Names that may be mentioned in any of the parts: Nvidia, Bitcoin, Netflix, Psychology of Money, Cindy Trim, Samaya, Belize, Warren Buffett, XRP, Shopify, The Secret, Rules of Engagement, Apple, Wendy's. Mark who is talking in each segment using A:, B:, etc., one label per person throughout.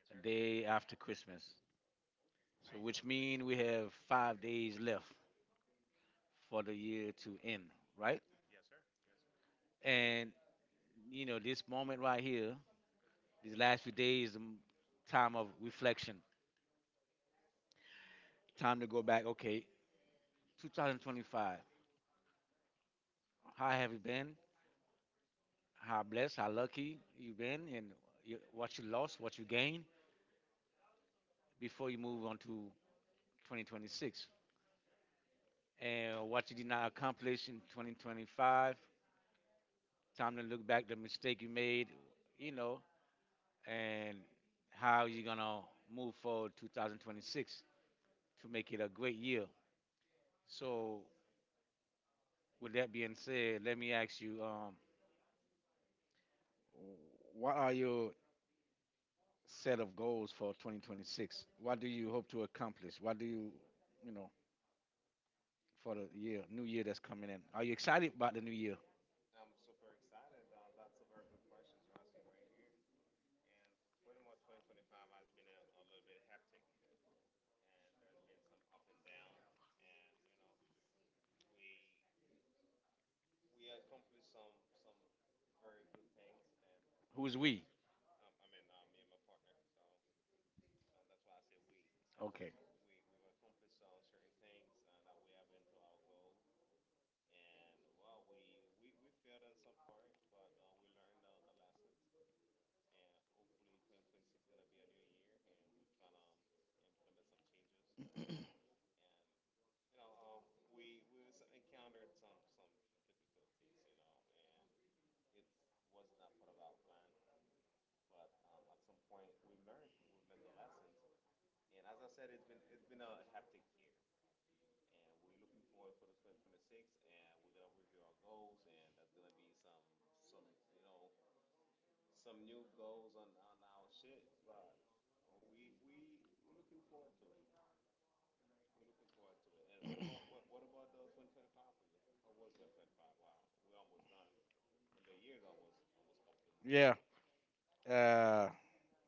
A: a day after Christmas. So which mean we have 5 days left for the year to end, right? And you know, this moment right here, these last few days time of reflection, time to go back, okay, 2025. How have you been? How blessed, how lucky you been, and you, what you lost, what you gained before you move on to 2026. And what you did not accomplish in 2025, time to look back the mistake you made, you know, and how you're gonna move forward 2026 to make it a great year. So, with that being said, let me ask you, what are your set of goals for 2026? What do you hope to accomplish? What do you, you know, For the year, new year that's coming in? Are you excited about the new year? Who's we? Okay. Yeah. Uh,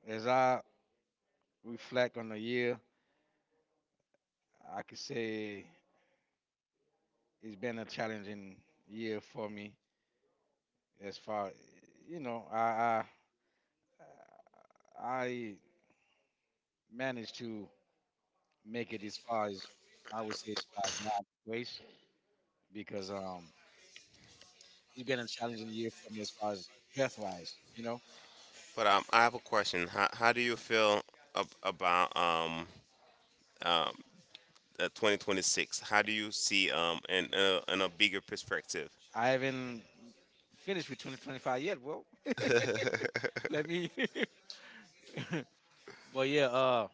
A: As I reflect on the year, I could say it's been a challenging year for me. As far, you know, I I, I managed to make it as far as I would say by God's grace, because it's been a challenging year for me as far as health wise. You know,
B: But I have a question. How do you feel about 2026? How do you see in a bigger perspective?
A: I haven't finished with 2025 yet. Well, let me. But yeah,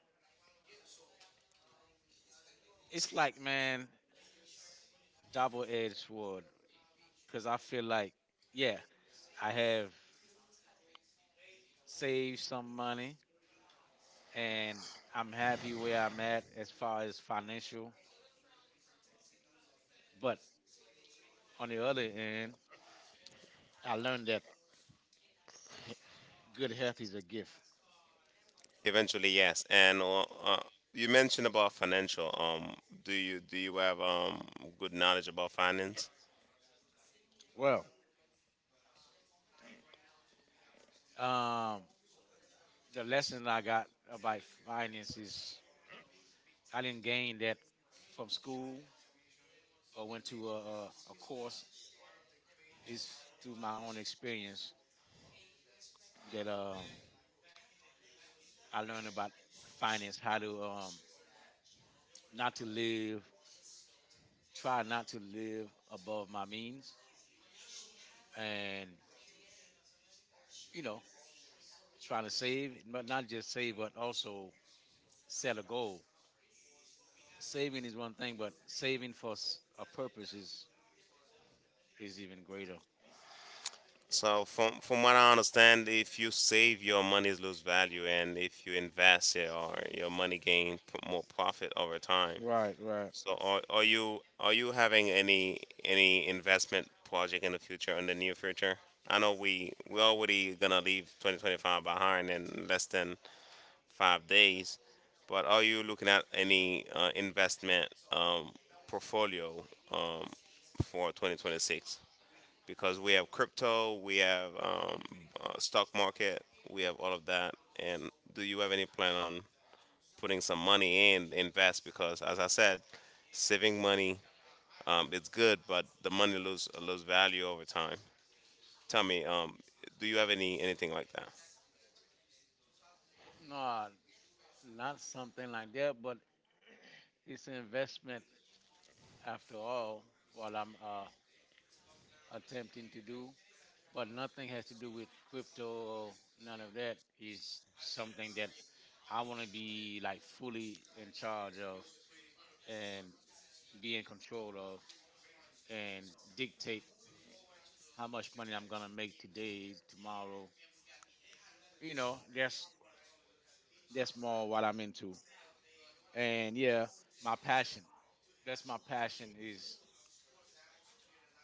A: it's like, man, double edged sword. Because I feel like, yeah, I have saved some money, and I'm happy where I'm at as far as financial. But on the other end, I learned that he- good health is a gift.
B: Eventually, yes. And you mentioned about financial. Do you have good knowledge about finance?
A: Well, um, the lesson I got about finance is I didn't gain that from school or went to a course. It's through my own experience that I learned about finance, how to not to live try not to live above my means, and you know, trying to save, but not just save but also set a goal. Saving is one thing, but saving for a purpose is even greater.
B: So from what I understand, if you save, your money lose value, and if you invest it, or your money gain more profit over time.
A: Right, right.
B: So are you having any investment project in the future in the near future? I know we already gonna leave 2025 behind in less than 5 days, but are you looking at any investment portfolio um, for 2026? Because we have crypto, we have stock market, we have all of that. And do you have any plan on putting some money in invest? Because as I said, saving money it's good, but the money lose value over time. Tell me, do you have anything like that?
A: No, not something like that, but it's an investment after all. What I'm attempting to do, but nothing has to do with crypto or none of that, is something that I want to be like fully in charge of, and be in control of, and dictate how much money I'm gonna make today, tomorrow. You know, that's more what I'm into. And yeah, my passion. That's my passion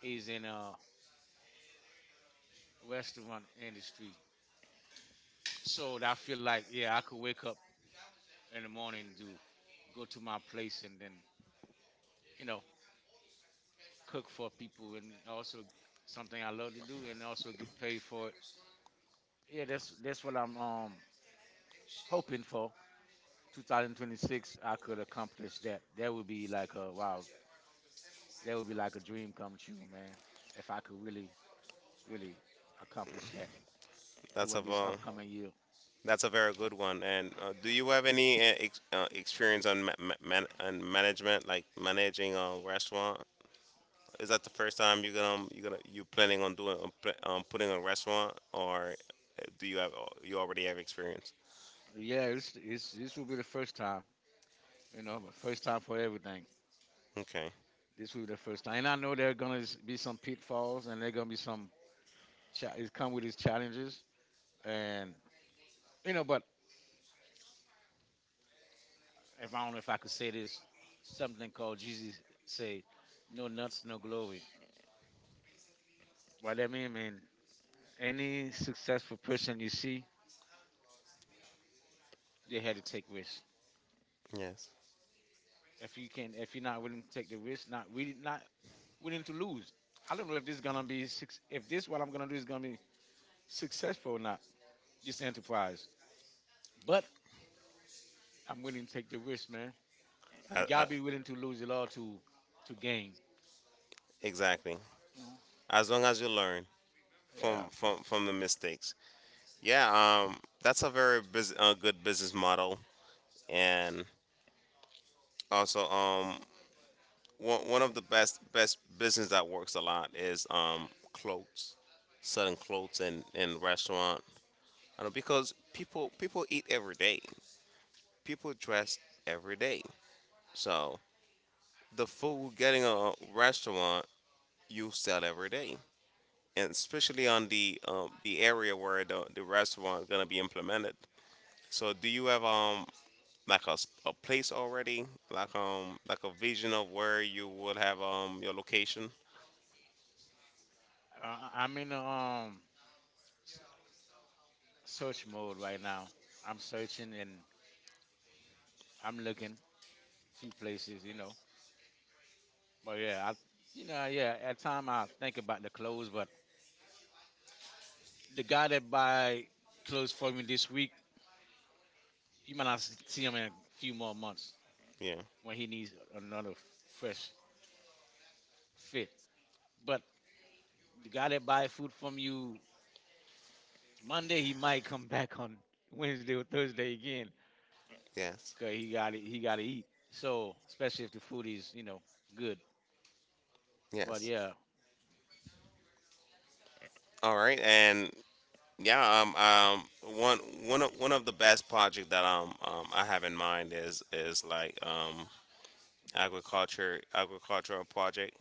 A: is in restaurant industry. So that I feel like, yeah, I could wake up in the morning to go to my place and then, you know, cook for people, and also something I love to do and also get paid for it. Yeah, that's what I'm hoping for. 2026, I could accomplish that, that would be like a wow, that would be like a dream come true, man. If I could really, really accomplish that
B: That's a
A: during this
B: uh,
A: upcoming year.
B: that's a very good one. And do you have any experience on management, like managing a restaurant? Is that the first time you're gonna you planning on doing putting a restaurant, or do you have you already have experience?
A: Yeah, this will be the first time, you know, but first time for everything.
B: Okay.
A: This will be the first time. And I know there are going to be some pitfalls, and there going to be some, it come with its challenges. And, you know, but if I don't know if I could say this, something called Jesus say, no nuts, no glory. What that mean, man, any successful person you see, they had to take risks.
B: Yes.
A: If you can, if you're not willing to take the risk, not really, not willing to lose. I don't know if this is gonna be six. If this what I'm gonna do is gonna be successful or not, this enterprise. But I'm willing to take the risk, man.
B: I,
A: You gotta
B: I,
A: be willing to lose it all to gain.
B: exactly. As long as you learn
A: Yeah,
B: from the mistakes. Yeah, that's a very bus good business model, and also one one of the best business that works a lot is clothes, selling clothes in restaurant. You know, because people eat every day, people dress every day, so the food getting a restaurant you sell every day, and especially on the area where the restaurant is gonna be implemented. So, do you have like a place already, like a vision of where you would have your location.
A: I'm in a s- search mode right now. I'm searching, and I'm looking a few places, you know. But yeah, I you know yeah at time I think about the clothes, but the guy that buy clothes for me this week, you might not see him in a few more months
B: Yeah.
A: when he needs another fresh fit. But the guy that buy food from you Monday, he might come back on Wednesday or Thursday again,
B: Yes.
A: cause he got to eat. So especially if the food is, you know, good. But
B: Yes.
A: yeah,
B: All right. And yeah, one of the best project that I have in mind is like agriculture agricultural project.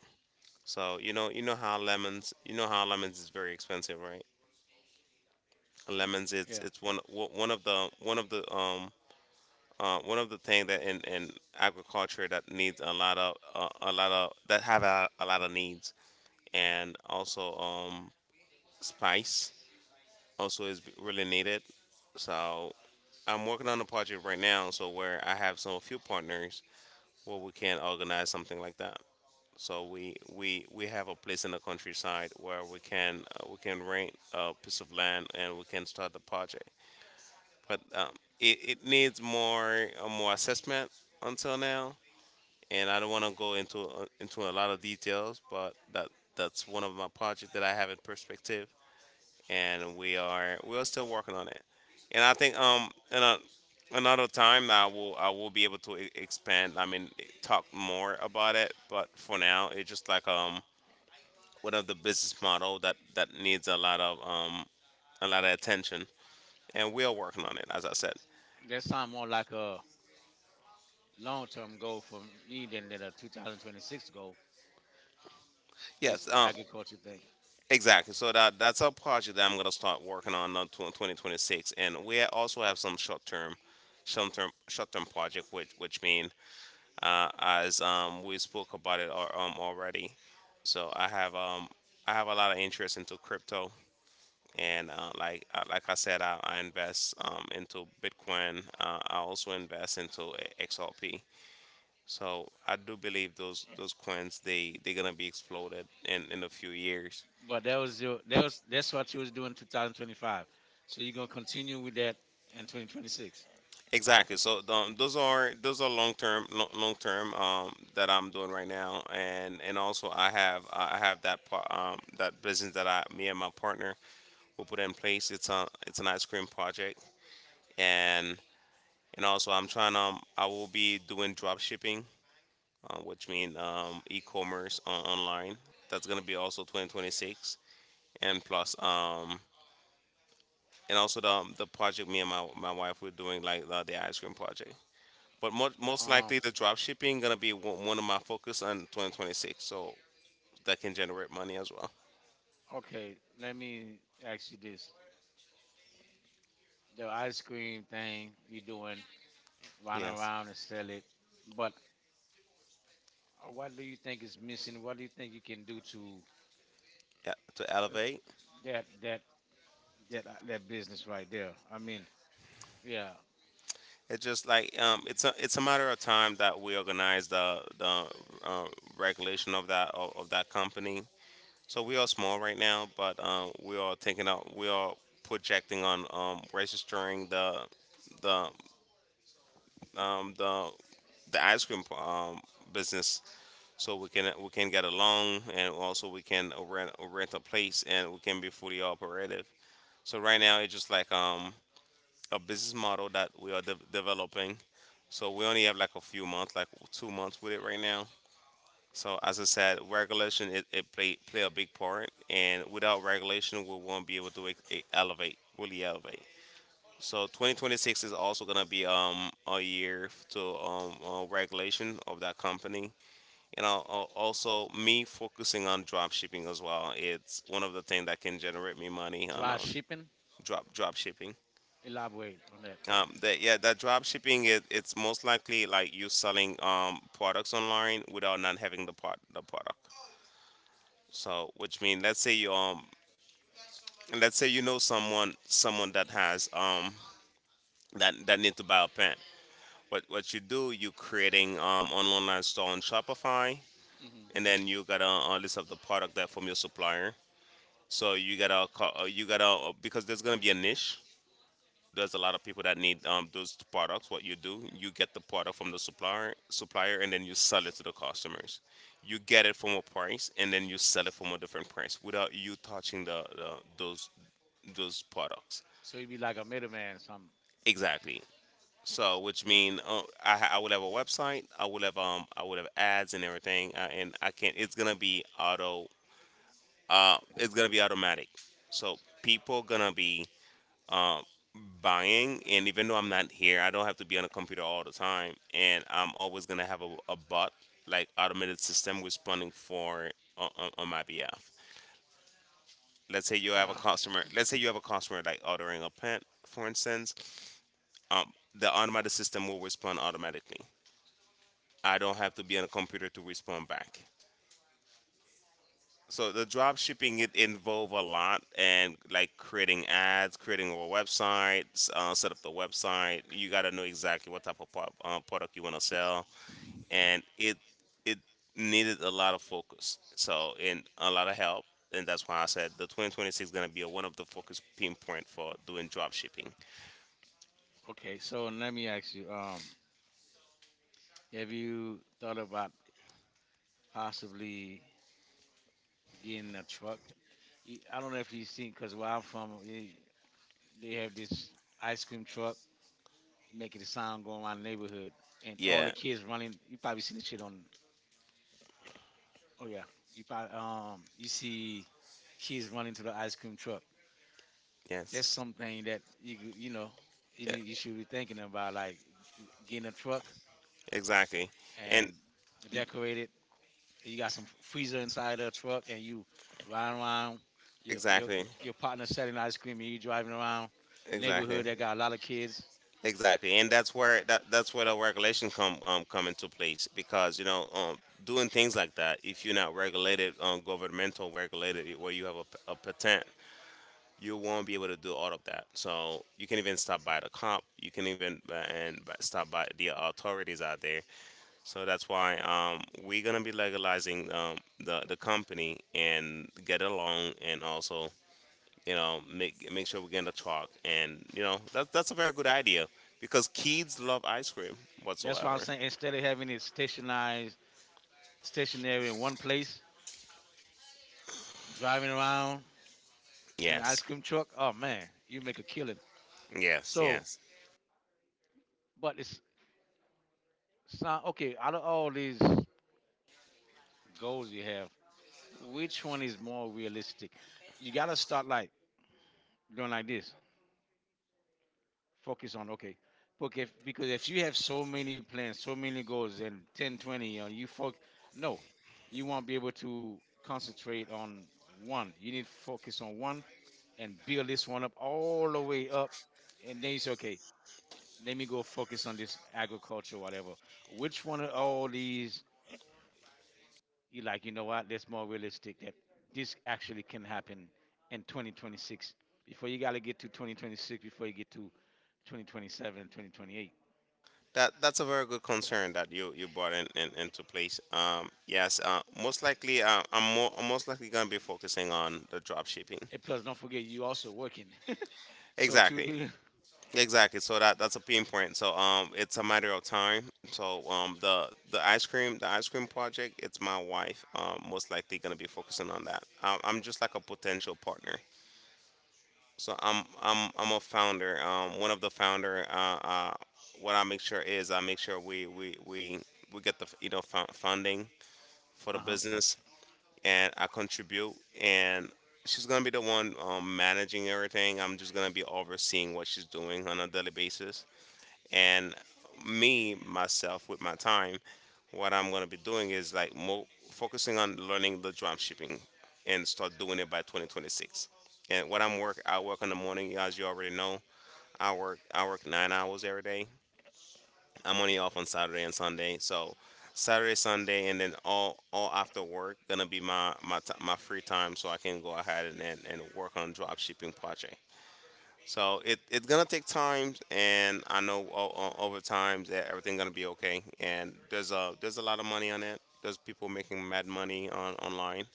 B: So you know you know how lemons is very expensive, right? Lemons
A: yeah,
B: it's one one of the uh, one of the things that in agriculture that needs a lot of that have a lot of needs and also spice also is really needed. So I'm working on a project right now, so where I have some few partners where we can organize something like that. So we have a place in the countryside where we can rent a piece of land and we can start the project. But it needs more more assessment until now, and I don't want to go into a lot of details, but that's one of my projects that I have in perspective, and we are still working on it, and I think in another time I will be able to expand. I mean, talk more about it, but for now it's just like one of the business model that needs a lot of attention, and we are working on it as I said.
A: that sound more like a long term goal for me than a 2026 goal.
B: Yes,
A: This agriculture thing.
B: exactly. So that's a project that I'm gonna start working on 2026, and we also have some short term project, which mean as we spoke about it already. So I have a lot of interest into crypto, and like I said, I invest into Bitcoin. I also invest into XRP. So I do believe those coins they're gonna be exploded in a few years.
A: But that was your that was that's what you was doing in 2025. So you're gonna continue with that in 2026.
B: Exactly. So those are long term that I'm doing right now, and also I have that that business that I, me and my partner will put in place. It's a it's an ice cream project, and and also I'm trying to I will be doing drop shipping, which means e-commerce on online. That's gonna be also 2026, and plus and also the project me and my wife were doing, like the ice cream project. But mo most likely
A: Um,
B: the drop shipping gonna be one of my focus on 2026, so that can generate money as well.
A: okay, let me ask you this: the ice cream thing you're doing, run
B: Yeah,
A: around and sell it, but what do you think is missing? What do you think you can do to
B: yeah to elevate.
A: that that that that business right there? I mean, yeah,
B: It's just like it's a matter of time that we organize the uh, regulation of of that company. So we are small right now, but we are thinking out we are projecting on registering the the um, the the ice cream business so we can get along and also we can rent a place and we can be fully operative. So right now it's just like a business model that we are developing. So we only have like a few months, like 2 months with it right now. So as I said, it play a big part, and without regulation, we won't be able to elevate, really elevate. So 2026 is also gonna be a year to regulation of that company. You know, also me focusing on drop shipping as well, it's one of the things that can generate me money on
A: dry shipping.
B: drop shipping.
A: Elaborate on that.
B: That yeah, that drop shipping, it's most likely like you selling products online without not having the part the product, so which means let's say you know someone that has that need to buy a pen. What you do, you creating an online store on Shopify,
A: Hmm.
B: and then you got a list of the product that from your supplier. So you gotta call, you gotta because there's gonna be a niche. There's a lot of people that need those products. What you do, you get the product from the supplier, and then you sell it to the customers. You get it from a price, and then you sell it from a different price without you touching the those those products.
A: So you'd be like a middleman or something.
B: Exactly. So, which mean I would have a website. I would have ads and everything, and I can. It's gonna be auto. It's gonna be automatic. So people gonna be buying, and even though I'm not here, I don't have to be on a computer all the time, and I'm always going to have a bot, like automated system responding for on my behalf.
A: Uh,
B: Let's say you have a customer like ordering a pant, for instance. Um, the automated system will respond automatically. I don't have to be on a computer to respond back. So the drop shipping, it involve a lot, and like creating ads, creating a website, set up the website. You got to know exactly what type of product you want to sell, and it needed a lot of focus. So, and a lot of help, and that's why I said the 2026 is gonna be one of the focus pinpoint for doing drop shipping.
A: Okay, so let me ask you, have you thought about possibly getting a truck? I don't know if you've seen, because where I'm from, eh, they have this ice cream truck making the sound going around the neighborhood, and all
B: Yeah.
A: the kids running. You probably seen this shit on. Oh yeah, you probably you see kids running to the ice cream truck. That's
B: Yes.
A: something that you know,
B: Yeah.
A: you should be thinking about, like getting a truck
B: Exactly. And
A: and decorate it. You got some freezer inside a truck and you riding around your exactly.
B: exactly.
A: Your partner selling ice cream and you driving around the
B: Exactly.
A: neighborhood that got a lot of kids.
B: Exactly, and that's where that's where the regulation come come into place, because you know doing things like that, if you're not regulated, governmental regulated, where you have a patent, you won't be able to do all of that. So you can even stop by the cop, you can even stop by the authorities out there. So that's why we're gonna be legalizing the company and get along, and also, you know, make sure we're getting to talk. And you know, that's a very good idea, because kids love ice cream
A: That's why I'm
B: whatsoever.
A: saying, instead of having it stationized stationary in one place, driving around in an ice
B: Yes,
A: cream truck, oh man, you make a killing.
B: yes,
A: So,
B: yes.
A: but it's sound okay, out of all these goals you have, which one is more realistic? You gotta start like doing like this. Focus on okay. But if, because if you have so many plans so many goals and 10 20, you focus no, you won't be able to concentrate on one. You need to focus on one and build this one up all the way up, and then you say okay, let me go focus on this agriculture whatever. Which one of all these you like, you know what, that's more realistic, that this actually can happen in 2026, before you got to get to 2026, before you get to 2027 and 2028.
B: That's a very good concern that you brought in, into place. Yes. Most likely, I'm most likely gonna be focusing on the drop shipping.
A: And plus, don't forget you also working. So
B: Exactly.
A: exactly. To
B: Exactly. So that's a pain point. So it's a matter of time. So the the ice cream project, it's my wife. Most likely gonna be focusing on that. I'm just like a potential partner. So I'm a founder. One of the founder. What I make sure is I make sure we get the funding for the
A: uh-huh.
B: business and I contribute and. She's gonna be the one managing everything. I'm just gonna be overseeing what she's doing on a daily basis, and me myself with my time, what I'm going to be doing is like focusing on learning the drum shipping and start doing it by 2026. And what I work in the morning, as you already know. I work, I work 9 hours every day. I'm only off on Saturday and Sunday, so Saturday, Sunday, and then all after work gonna be my my free time so I can go ahead and, and work on drop shipping project. So it's gonna take time, and I know over time that everything's gonna be okay. And there's a lot of money on it. There's people making mad money on online.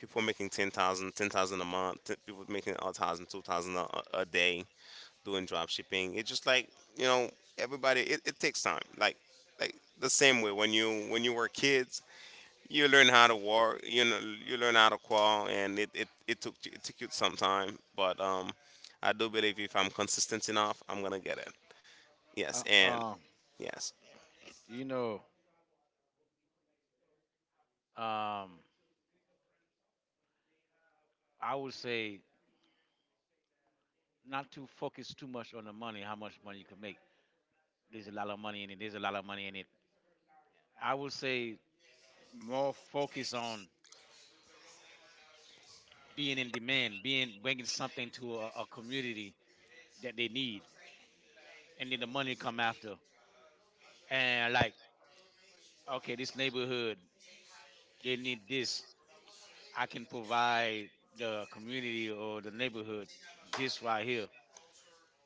B: People making 10,000, 10,000 a month. People making a thousand, 2,000 a, a day doing drop shipping. It's just like, you know, everybody. It takes time. Like the same way when you were kids, you learn how to walk, you know, you learn how to crawl, and it took you some time. But I do believe if I'm consistent enough, I'm gonna get it. Yes,
A: uh
B: and
A: um
B: yes,
A: you know um I would say not to focus too much on the money, how much money you can make. There's a lot of money in it. There's a lot of money in it. I would say more focus on being in demand, being bringing something to a community that they need, and then the money come after. And like, okay, this neighborhood they need this. I can provide the community or the neighborhood this right here,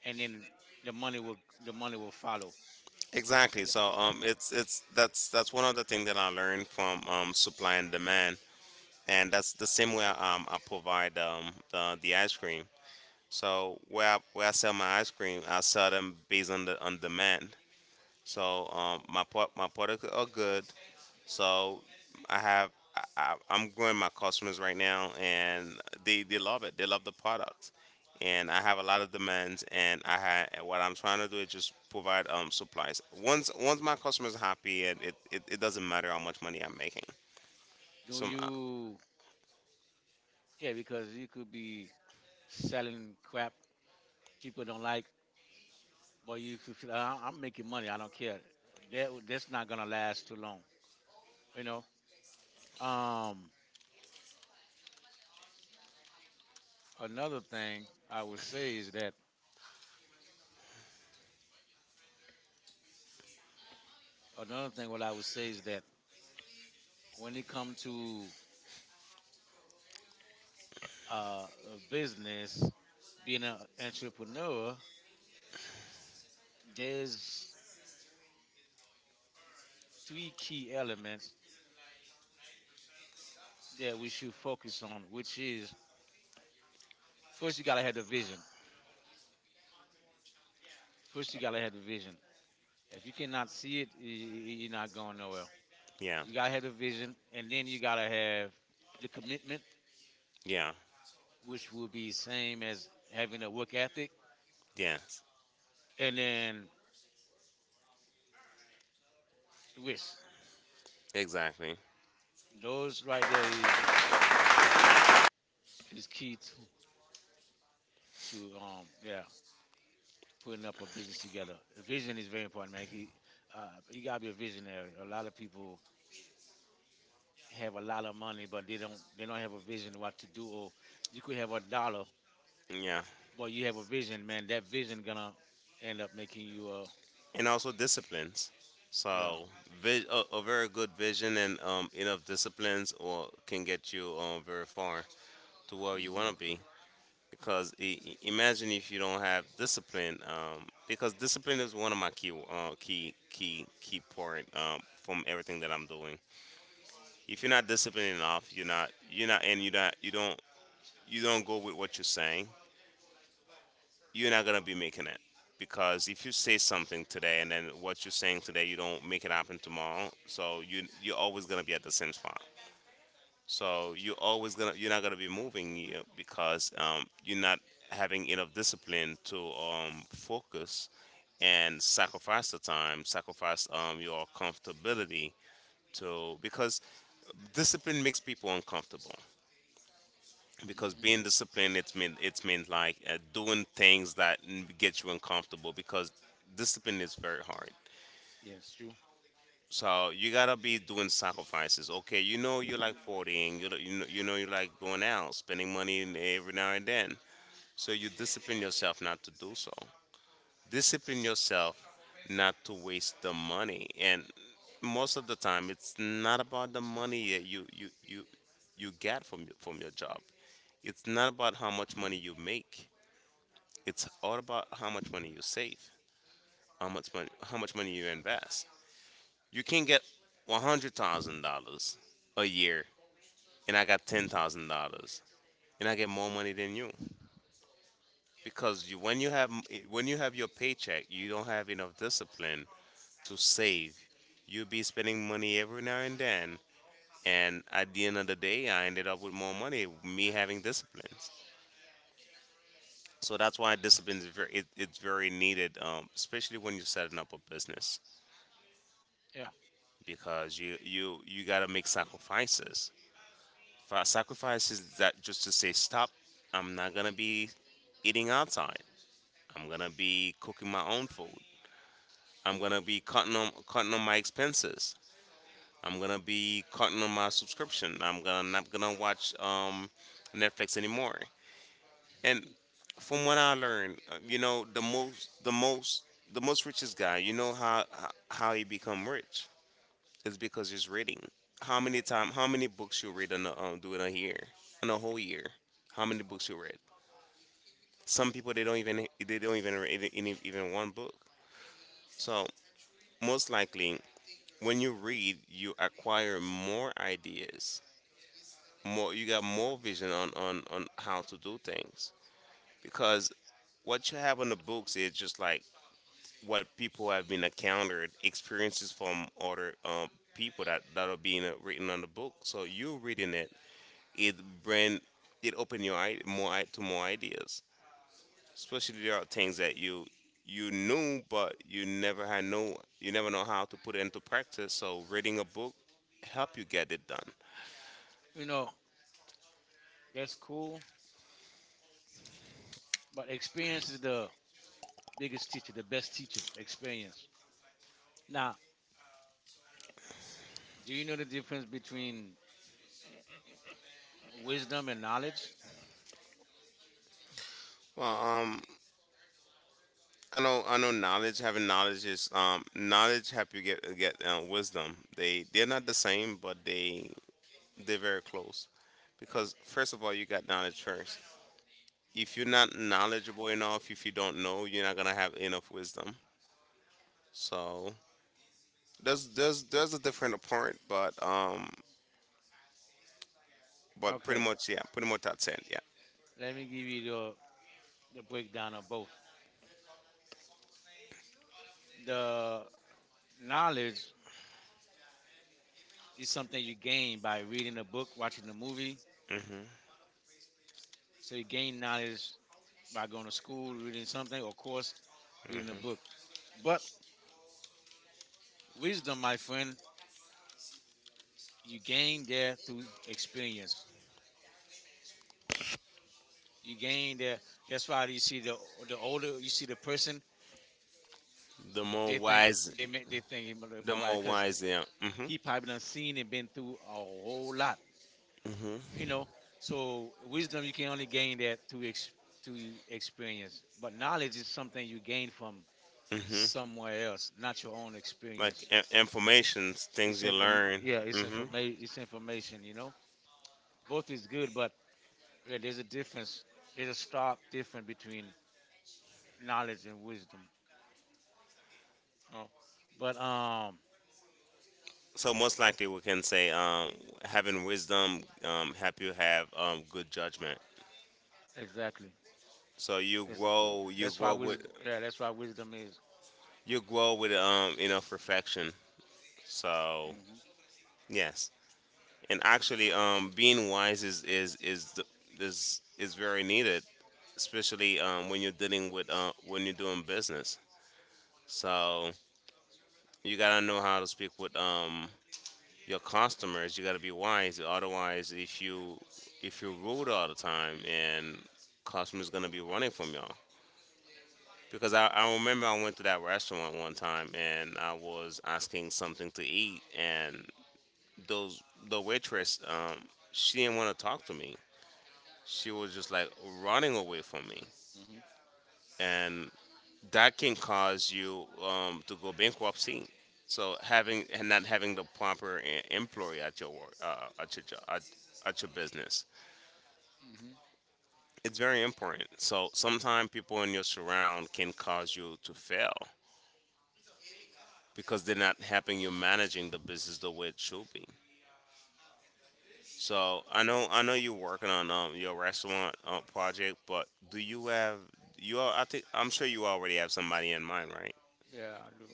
A: and then the money will the money will follow.
B: exactly. So it's that's one of the things that I learned from supply and demand. And that's the same way, I provide the ice cream. So where where I sell my ice cream, I sell them based on the on demand. So my products are good. So I have, I'm growing my customers right now, and they love it. They love the product, and I have a lot of demands. And I what I'm trying to do is just provide supplies. Once my customers happy, and it doesn't matter how much money I'm making.
A: Do
B: So
A: you? Yeah, because you could be selling crap people don't like, but you could feel, "I- I'm making money. I don't care." That that's not gonna last too long. You know. Um. Another thing I would say is that Another thing what I would say is that when it comes to a business, being an entrepreneur, there's three key elements that we should focus on, which is first you gotta have the vision. First you gotta have the vision. If you cannot see it, you're not going nowhere.
B: yeah,
A: You gotta have the vision, and then you gotta have the commitment,
B: yeah,
A: which will be same as having a work ethic,
B: yes,
A: and then risk.
B: exactly.
A: Those right there is key to yeah putting up a business together. Vision is very important, man. You gotta be a visionary. A lot of people have a lot of money, but they don't have a vision what to do. Or you could have a dollar,
B: Yeah,
A: but you have a vision, man. That vision gonna end up making you a
B: and also disciplines.
A: yeah.
B: So, a very good vision and enough disciplines or can get you very far to where
A: Hmm.
B: you
A: Hmm.
B: want to be. Because imagine if you don't have discipline, because discipline is one of my key key point, from everything that I'm doing. If you're not disciplined enough, you're not, and you don't, you don't go with what you're saying. You're not gonna be making it, because if you say something today and then what you're saying today you don't make it happen tomorrow, so you, you're always gonna be at the same spot. So you're always gonna, you're not gonna be moving, you know, because you're not having enough discipline to, focus and sacrifice the time, sacrifice your comfortability to, because discipline makes people uncomfortable, because being disciplined it's mean like doing things that get you uncomfortable, because discipline is very hard.
A: Yeah, it's true.
B: So you gotta be doing sacrifices. Okay, you know, you like partying, you know, you like going out spending money every now and then. So you discipline yourself not to do so. Discipline yourself not to waste the money. And most of the time it's not about the money that you get from from your job. It's not about how much money you make. It's all about how much money you save, how much money you invest. You can get $100,000 a year, and I got $10,000, and I get more money than you, because you, when you have, when you have your paycheck, you don't have enough discipline to save. You'll be spending money every now and then, and at the end of the day, I ended up with more money. Me having disciplines, so that's why discipline is very, it's very needed, especially when you're setting up a business.
A: Yeah,
B: Because you gotta make sacrifices. Sacrifices that just to say stop. I'm not gonna be eating outside. I'm gonna be cooking my own food. I'm gonna be cutting on, cutting on my expenses. I'm gonna be cutting on my subscription. I'm gonna, not gonna watch Netflix anymore. And from what I learned, you know, the most, the most richest guy. You know how, how he become rich. It's because it's reading. How many time? How many books you read on a do in a year, on a whole year? How many books you read? Some people they don't even, read, even one book. So most likely, when you read, you acquire more ideas. More you got more vision on how to do things, because what you have on the books is just like what people have been encountered, experiences from other, people that are being written on the book. So you're reading it, it bring, it open your eye, to more ideas. Especially there are things that you knew but you never had no, you never know how to put it into practice. So reading a book help you get it done.
A: you know, that's cool. But experience is the biggest teacher, the best teacher. Experience. Now, do you know the difference between wisdom and knowledge?
B: Well, I know, I know knowledge. Having knowledge is, knowledge help you get, wisdom. They, they're not the same, but they, they're very close. Because first of all, you got knowledge first. If you're not knowledgeable enough, if you don't know, you're not gonna have enough wisdom. So there's, there's a different part, but pretty
A: Okay,
B: much yeah, pretty much that's it. Yeah.
A: let me give you the breakdown of both. The knowledge is something you gain by reading a book, watching a movie.
B: Hmm.
A: So you gain knowledge by going to school, reading something, or of course, reading a book. But wisdom, my friend, you gain there through experience. You gain there. That's why you see the older you see the person,
B: The more
A: they think
B: wise,
A: they make they think he
B: the
A: more wise,
B: more
A: because
B: wise. Yeah. Hmm.
A: he probably done seen and been through a whole lot.
B: Hmm.
A: you know so wisdom you can only gain that through through experience, but knowledge is something you gain from
B: Hmm.
A: somewhere else, not your own
B: Like,
A: experience.
B: information, things
A: It's
B: you
A: inform
B: learn.
A: Yeah, it's
B: Hmm.
A: information, it's information. Both is good, but yeah, there's a difference. There's a stark difference between knowledge and wisdom. Oh, but
B: So most likely we can say, having wisdom, help you have, good judgment.
A: exactly.
B: So
A: That's
B: you
A: that's why
B: grow
A: wisdom,
B: with,
A: yeah, that's why wisdom is...
B: you grow with, enough reflection. So
A: Hmm.
B: yes, and actually, being wise is, the, is very needed, especially when you're dealing with, when you're doing business. So you gotta know how to speak with, your customers. You gotta be wise, otherwise if you, if you're rude all the time, and customers gonna be running from y'all. Because I remember I went to that restaurant one time and I was asking something to eat, and those, the waitress, she didn't want to talk to me, she was just like running away from me.
A: Hmm.
B: And that can cause you, to go bankruptcy. So having, and not having the proper employee at your work, at your job, at your business,
A: Hmm.
B: it's very important. So sometimes people in your surround can cause you to fail, because they're not helping you managing the business the way it should be. So I know you're working on, your restaurant, project, but do you have, you are, I think, I'm sure you already have somebody in mind, right?
A: Yeah, I do.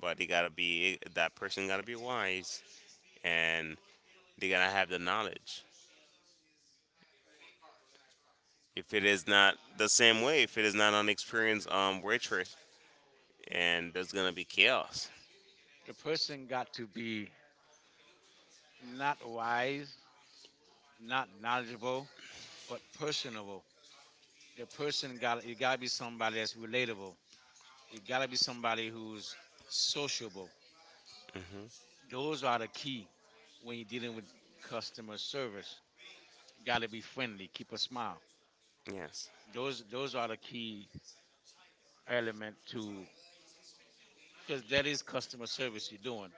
B: But they gotta be, that person gotta be wise, and they gotta have the knowledge. If it is not the same way, if it is not an experienced waitress, and there's gonna be chaos.
A: The person got to be not wise, not knowledgeable, but personable. The person got You gotta be somebody that's relatable. You gotta be somebody who's sociable.
B: Hmm.
A: Those are the key when you're dealing with customer service. You gotta be friendly, keep a smile.
B: Yes.
A: Those are the key element to, because that is customer service you're doing.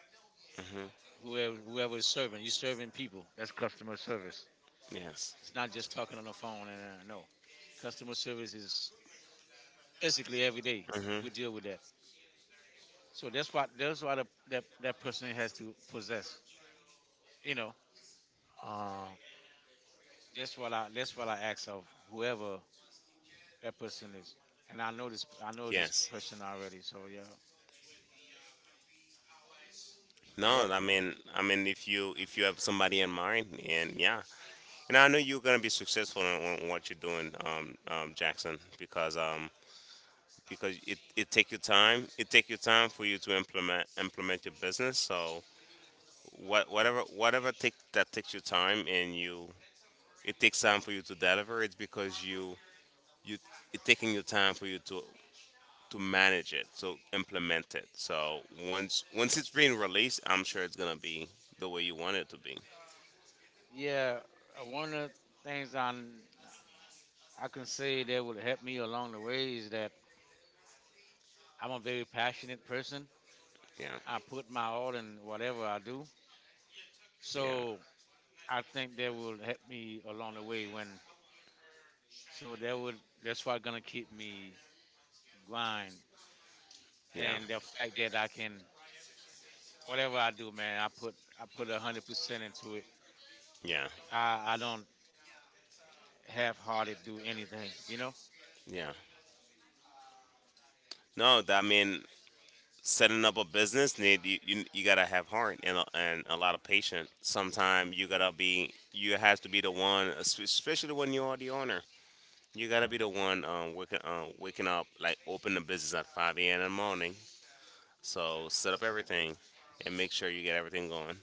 B: Hmm.
A: Whoever is serving, you're serving people. That's customer service.
B: Yes.
A: It's not just talking on the phone and no. Customer service is basically every day
B: Hmm.
A: we deal with that. So that's what a, that that person has to possess. You know, uh, that's what I ask of whoever that person is. And I know this
B: Yes.
A: person already. So yeah, but
B: No, I mean, if you, if you have somebody in mind, and yeah, and I know you're gonna be successful in what you're doing, Jackson, because it take your time, it take your time for you to implement your business. So whatever takes your time, and you, it takes time for you to deliver, it's because you, it taking your time for you to manage it, to implement it. So once it's being released, I'm sure it's gonna be the way you want it to be.
A: yeah, one of the things I can say that will help me along the way is that I'm a very passionate person.
B: Yeah,
A: I put my all in whatever I do.
B: yeah,
A: So I think that will help me along the way when. So that's what gonna keep me grind,
B: yeah,
A: and the fact that I can whatever I do, man, I put 100% into it.
B: yeah,
A: I don't half-hearted do anything,
B: yeah. No that, I mean, setting up a business need you, you gotta have heart and a lot of patience. Sometimes you gotta be, you has to be the one, especially when you are the owner. You gotta be the one, waking up, like open the business at 5 a.m in the morning, so set up everything and make sure you get everything going.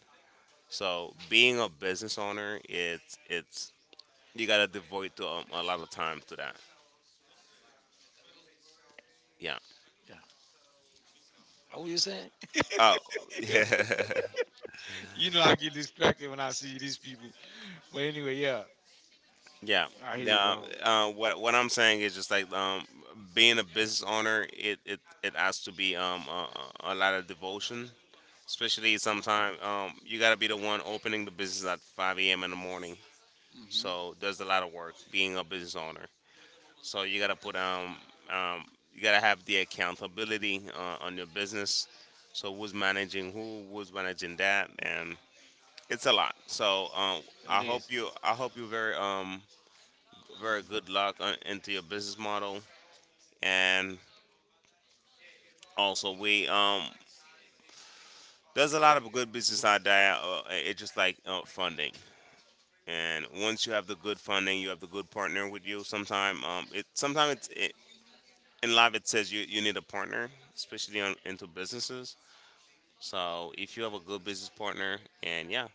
B: So being a business owner, it's, you gotta devote to, a lot of time to that. Yeah.
A: Yeah. What were you saying?
B: Oh, yeah.
A: You know, I get distracted when I see these people. But anyway, yeah,
B: Yeah.
A: I hear you,
B: Yeah.
A: bro.
B: What I'm saying is just like, being a business owner, it, it has to be a lot of devotion. Especially sometimes you gotta be the one opening the business at 5 a.m. in the morning.
A: Hmm.
B: So there's a lot of work being a business owner. So you gotta put, um you gotta have the accountability, on your business. So who's managing who, who's managing that, and it's a lot. So I
A: It
B: hope
A: is.
B: you I hope you very very good luck into your business model. And also, we there's a lot of good business out there. It's just like, funding. And once you have the good funding, you have the good partner with you. Sometimes in life it says you need a partner, especially on into businesses. So if you have a good business partner, and yeah.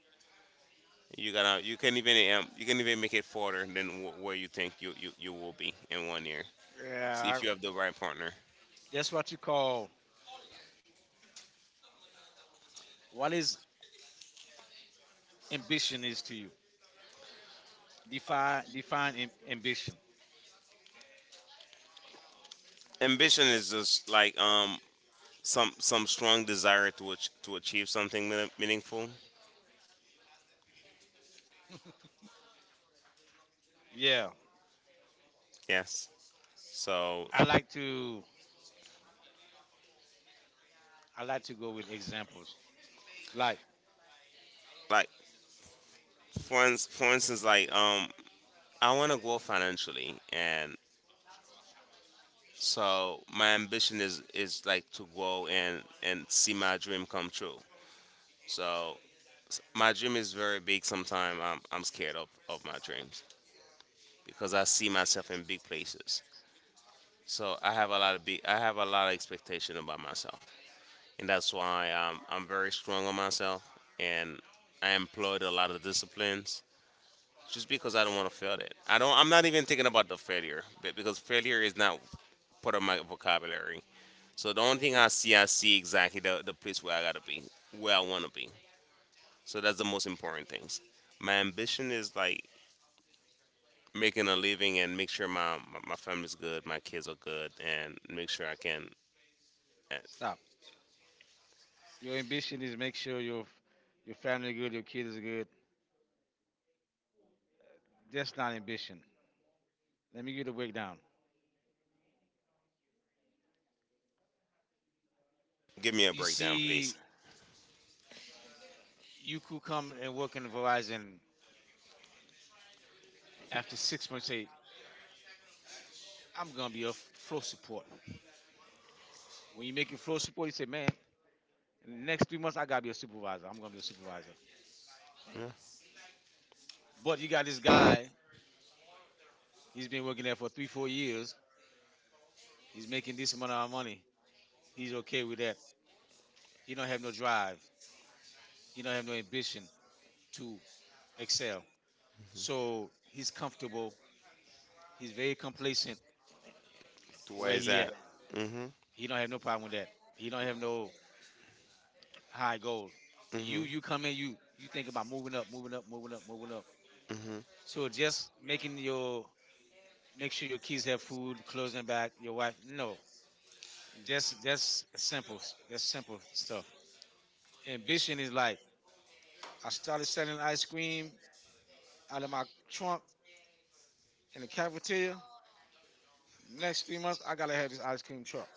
B: You gotta. You can even. You can even make it further than where you think you will be in one year
A: Yeah.
B: if you have the right partner.
A: That's what you call, what is ambition is to you. Define ambition.
B: Ambition is just like, some strong desire to to achieve something meaningful.
A: Yeah,
B: Yes. So,
A: I like to I like to go with examples. Like,
B: like, for instance, like, I want to grow financially, and so my ambition is like to grow and see my dream come true. So my dream is very big. Sometimes I'm scared of my dreams because I see myself in big places. So I have a lot of expectation about myself. And that's why, I'm very strong on myself, and I employed a lot of disciplines just because I don't want to fail it. I don't. I'm not even thinking about the failure but because failure is not part of my vocabulary. So the only thing I see exactly the place where I gotta be, where I want to be. So that's the most important things. My ambition is like making a living and make sure my family's good, my kids are good, and make sure I can. Uh,
A: stop. Your ambition is make sure your your family good, your kid is good. That's not ambition. Let me give you the breakdown.
B: Give me a
A: You
B: breakdown, please.
A: see, you could come and work in Verizon after 6 months. Say, I'm gonna be a flow support. When you make your flow support, you say, man, in the next 3 months I gotta be a supervisor. I'm gonna be a supervisor. But you got this guy. He's been working there for three, 4 years. He's making this amount of money. He's okay with that. He don't have no drive. He don't have no ambition to excel. So he's comfortable. He's very complacent
B: Why
A: where
B: is
A: he at.
B: that?
A: Exactly. He don't have no problem with that. He don't have no high goals. You come in, you think about moving up, moving up, moving up, moving up. So just making your make sure your kids have food, clothes and back, your wife. No. That's simple. That's simple stuff. Ambition is like I started selling ice cream out of my trunk in the cafeteria. Next 3 months I gotta have this ice cream truck.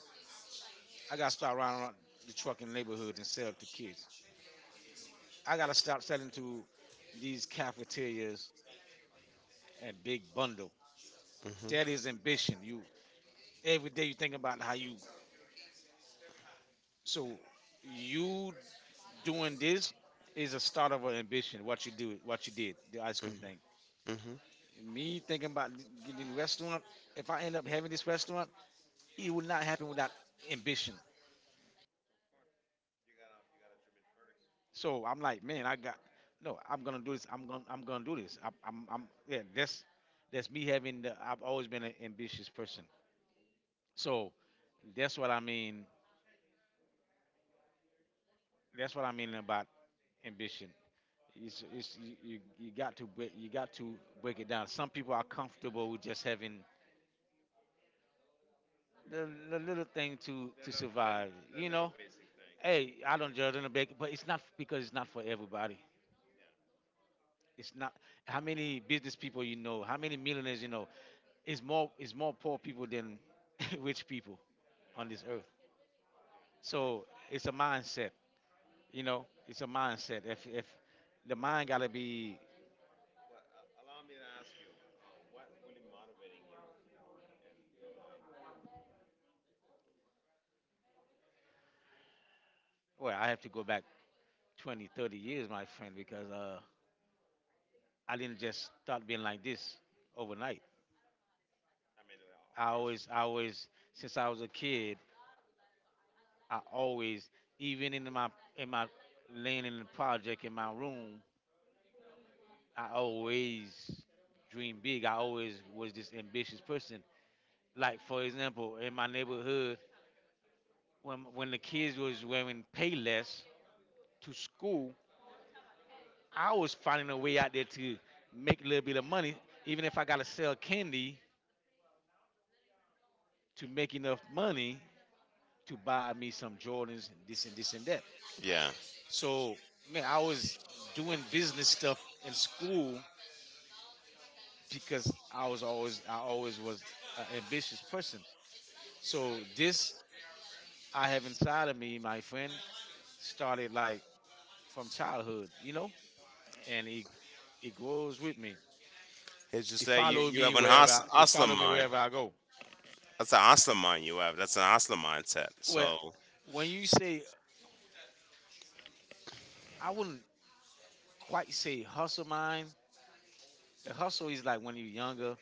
A: I gotta start riding around the trucking neighborhoods and sell it to kids. I gotta start selling to these cafeterias and big bundle. That is ambition. You every day you think about how you, so you doing this is a start of an ambition. What you do, what you did, the ice cream thing.
B: Hmm.
A: Me thinking about getting the restaurant. If I end up having this restaurant, it will not happen without ambition. So I'm like, man, I got no. I'm gonna do this. I'm gonna do this. I'm yeah. That's me having. I've always been an ambitious person. So that's what I mean. That's what I mean about ambition. It's you got to break it down. Some people are comfortable with just having the little thing to survive. You know, hey, I don't judge on the back, but it's not because it's not for everybody. It's not, how many business people you know, how many millionaires you know. Is more, is more poor people than rich people on this earth. So it's a mindset, you know. It's a mindset. If the mind gotta be, well, I have to go back 20, 30 years, my friend, because I didn't just start being like this overnight. I always, since I was a kid, I always, even in my laying in the project in my room, I always dream big. I always was this ambitious person. Like for example, in my neighborhood, when the kids was wearing pay less to school, I was finding a way out there to make a little bit of money, even if I gotta sell candy to make enough money to buy me some Jordans, this and this and that.
B: Yeah.
A: So man, I was doing business stuff in school because I always was an ambitious person. So this I have inside of me, my friend, started like from childhood, you know? And he goes with me.
B: It's
A: He
B: just that you,
A: follows
B: you
A: me
B: have an
A: wherever he
B: hustler
A: follow me
B: mind.
A: wherever I go.
B: That's an hustler mind you have. That's an hustler mindset.
A: Well, when you say, I wouldn't quite say hustle mind. The hustle is like when you're younger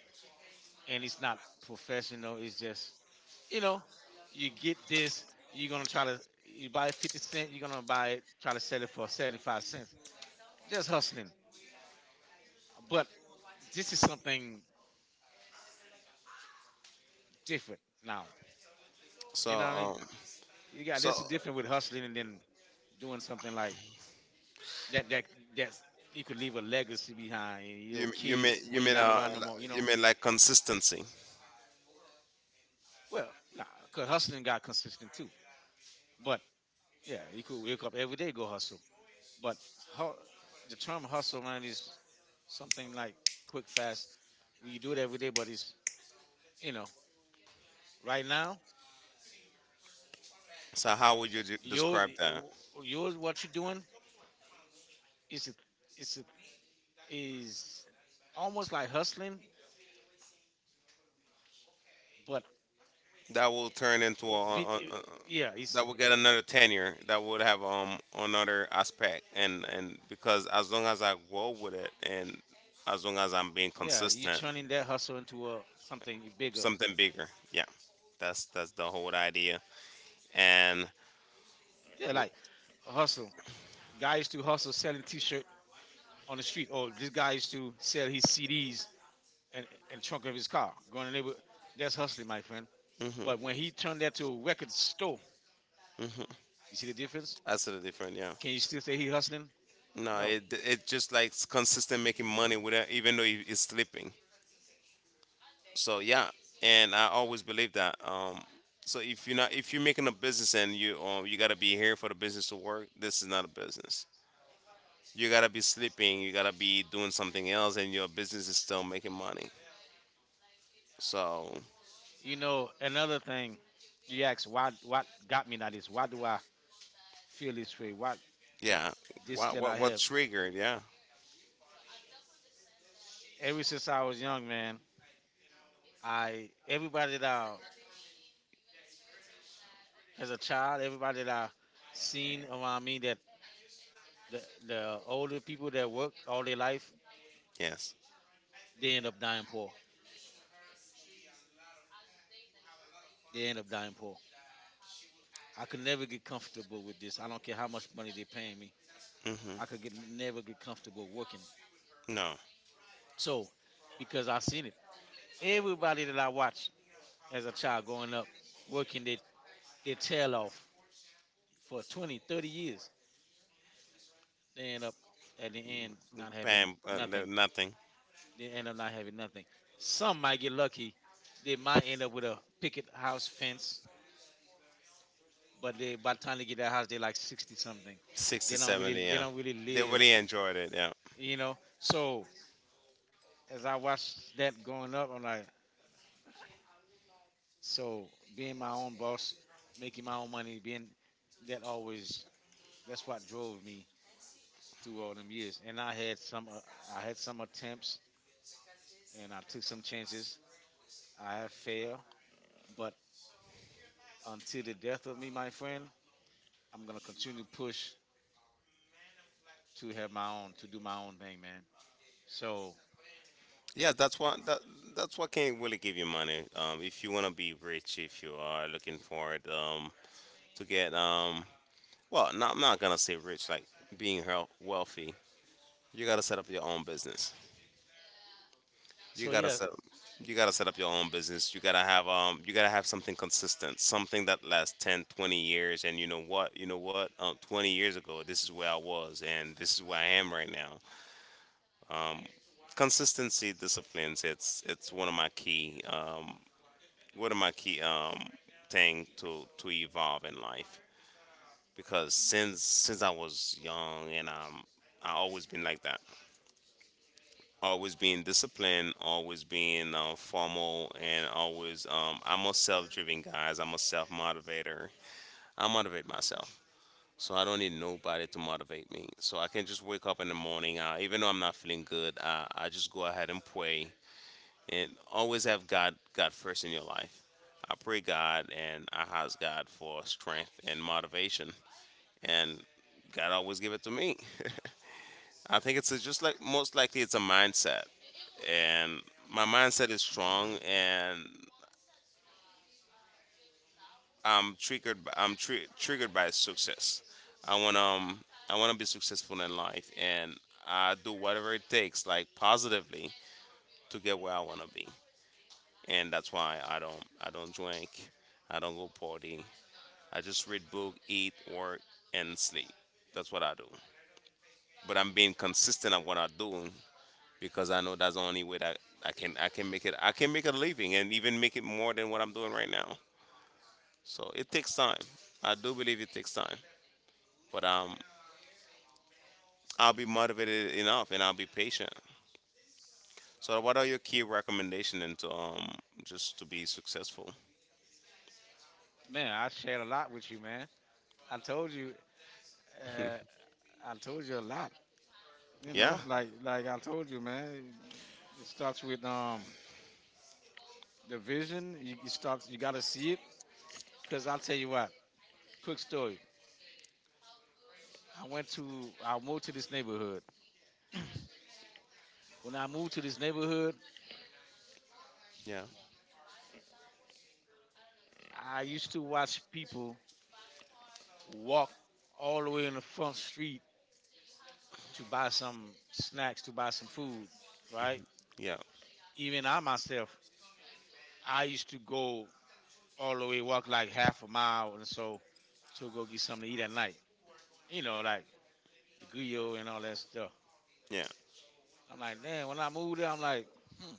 A: and it's not professional. It's just, you know, you get this. You're gonna try to, you buy it 50 cent. You're gonna buy it, try to sell it for 75¢. That's hustling. But this is something different now.
B: so
A: You know what I mean?
B: um
A: You got,
B: so
A: this is different with hustling and then doing something like that that's, you could leave a legacy behind and your
B: you you mean
A: kids
B: you
A: when you're
B: mean
A: not
B: uh
A: around no more. You
B: you
A: know,
B: mean like consistency.
A: well, nah, cause hustling got consistent too. But yeah, you could wake up every day go hustle. But how the term hustle man is something like quick fast. You do it every day, but it's, you know, right now
B: So how would you
A: yours,
B: describe that?
A: yours what you're doing is a, is a, is almost like hustling, but
B: That will turn into
A: beat,
B: a-
A: yeah, it's,
B: That will get another tenure. That would have, another aspect, and because as long as I grow with it and as long as I'm being
A: yeah, you, yeah,
B: consistent.
A: turning that hustle into a something bigger.
B: Something bigger. Yeah, that's the whole idea. And,
A: Yeah, like a hustle. Guy used to hustle selling T-shirt on the street. Or this guy used to sell his CDs and and trunk of his car. Going to neighbor, that's hustling, my friend.
B: mhm,
A: But when he turned that to a record store,
B: mhm,
A: you see the difference?
B: that's the different. Yeah,
A: Can you still say he hustling?
B: no,
A: No.
B: it just like it's consistent making money without even though it's sleeping. So, yeah, and I always believe that. So, if you're making a business and you gotta be here for the business to work, this is not a business. You gotta be sleeping. You gotta be doing something else, and your business is still making money. So,
A: You know another thing. You ask why? What got me that is why do I feel this way. What
B: yeah,
A: this
B: what
A: still I
B: what what
A: have.
B: triggered? Yeah.
A: Ever since I was young, man, I everybody that I as a child, everybody that I seen around me that the, the older people that work all their life,
B: Yes.
A: they end up dying poor. They end up dying poor. I could never get comfortable with this. I don't care how much money they paying me.
B: Hmm.
A: I could get never get comfortable working.
B: No.
A: So, because I seen it, everybody that I watched as a child growing up, working their tail off for 20, 30 years, they end up at the end not having
B: Bam.
A: nothing.
B: Nothing.
A: They end up not having nothing. Some might get lucky. They might end up with a picket house fence, but they by the time they get that house, they're like 60 something.
B: 60, 70.
A: They
B: Yeah.
A: don't really
B: They
A: live,
B: really enjoyed it. Yeah.
A: you know. So as I watched that growing up, I'm like, so being my own boss, making my own money, being that always that's what drove me through all them years. And I had some attempts and I took some chances. I have failed, but until the death of me, my friend, I'm gonna continue to push to have my own, to do my own thing, man. So,
B: Yeah. That's what. That's what can really give you money. If you want to be rich, if you are looking for it, to get, well, not, I'm not gonna say rich, like being wealthy. You gotta set up your own business. you
A: so
B: gotta
A: yeah,
B: set you gotta set up your own business. You gotta have something consistent, something that lasts 10, 20 years. And you know what, 20 years ago, this is where I was and this is where I am right now. Consistency, disciplines, it's one of my key, one of my key um thing to evolve in life, because since I was young, and, I always been like that, always being disciplined, always being, formal, and always, I'm a self-driven guys. I'm a self-motivator. I motivate myself, so I don't need nobody to motivate me. So I can just wake up in the morning, even though I'm not feeling good. I just go ahead and pray, and always have God first in your life. I pray God and I ask God for strength and motivation, and God always give it to me. I think just like most likely it's a mindset, and my mindset is strong, and I'm triggered. By, I'm tri- triggered by success. I want um I want to be successful in life, and I do whatever it takes, like, positively, to get where I want to be. And that's why I don't drink, I don't go party. I just read book, eat, work, and sleep. That's what I do. But I'm being consistent at what I do because I know that's the only way that I can make a living and even make it more than what I'm doing right now. So it takes time. I do believe it takes time, but, I'll be motivated enough and I'll be patient. So what are your key recommendations and to, just to be successful?
A: man, I shared a lot with you, man. I told you, uh, I told you a lot. You
B: Yeah,
A: know, like I told you, man. It starts with the vision. You it starts. You gotta see it. Cause I'll tell you what. Quick story. I went to. I moved to this neighborhood. When I moved to this neighborhood,
B: yeah,
A: I used to watch people walk all the way in the front street to buy some snacks, to buy some food, right?
B: yeah,
A: Even I myself, I used to go all the way, walk like half a mile and so to go get something to eat at night. You know, like the grill and all that stuff.
B: yeah.
A: I'm like, man, when I moved there, I'm like, hmm,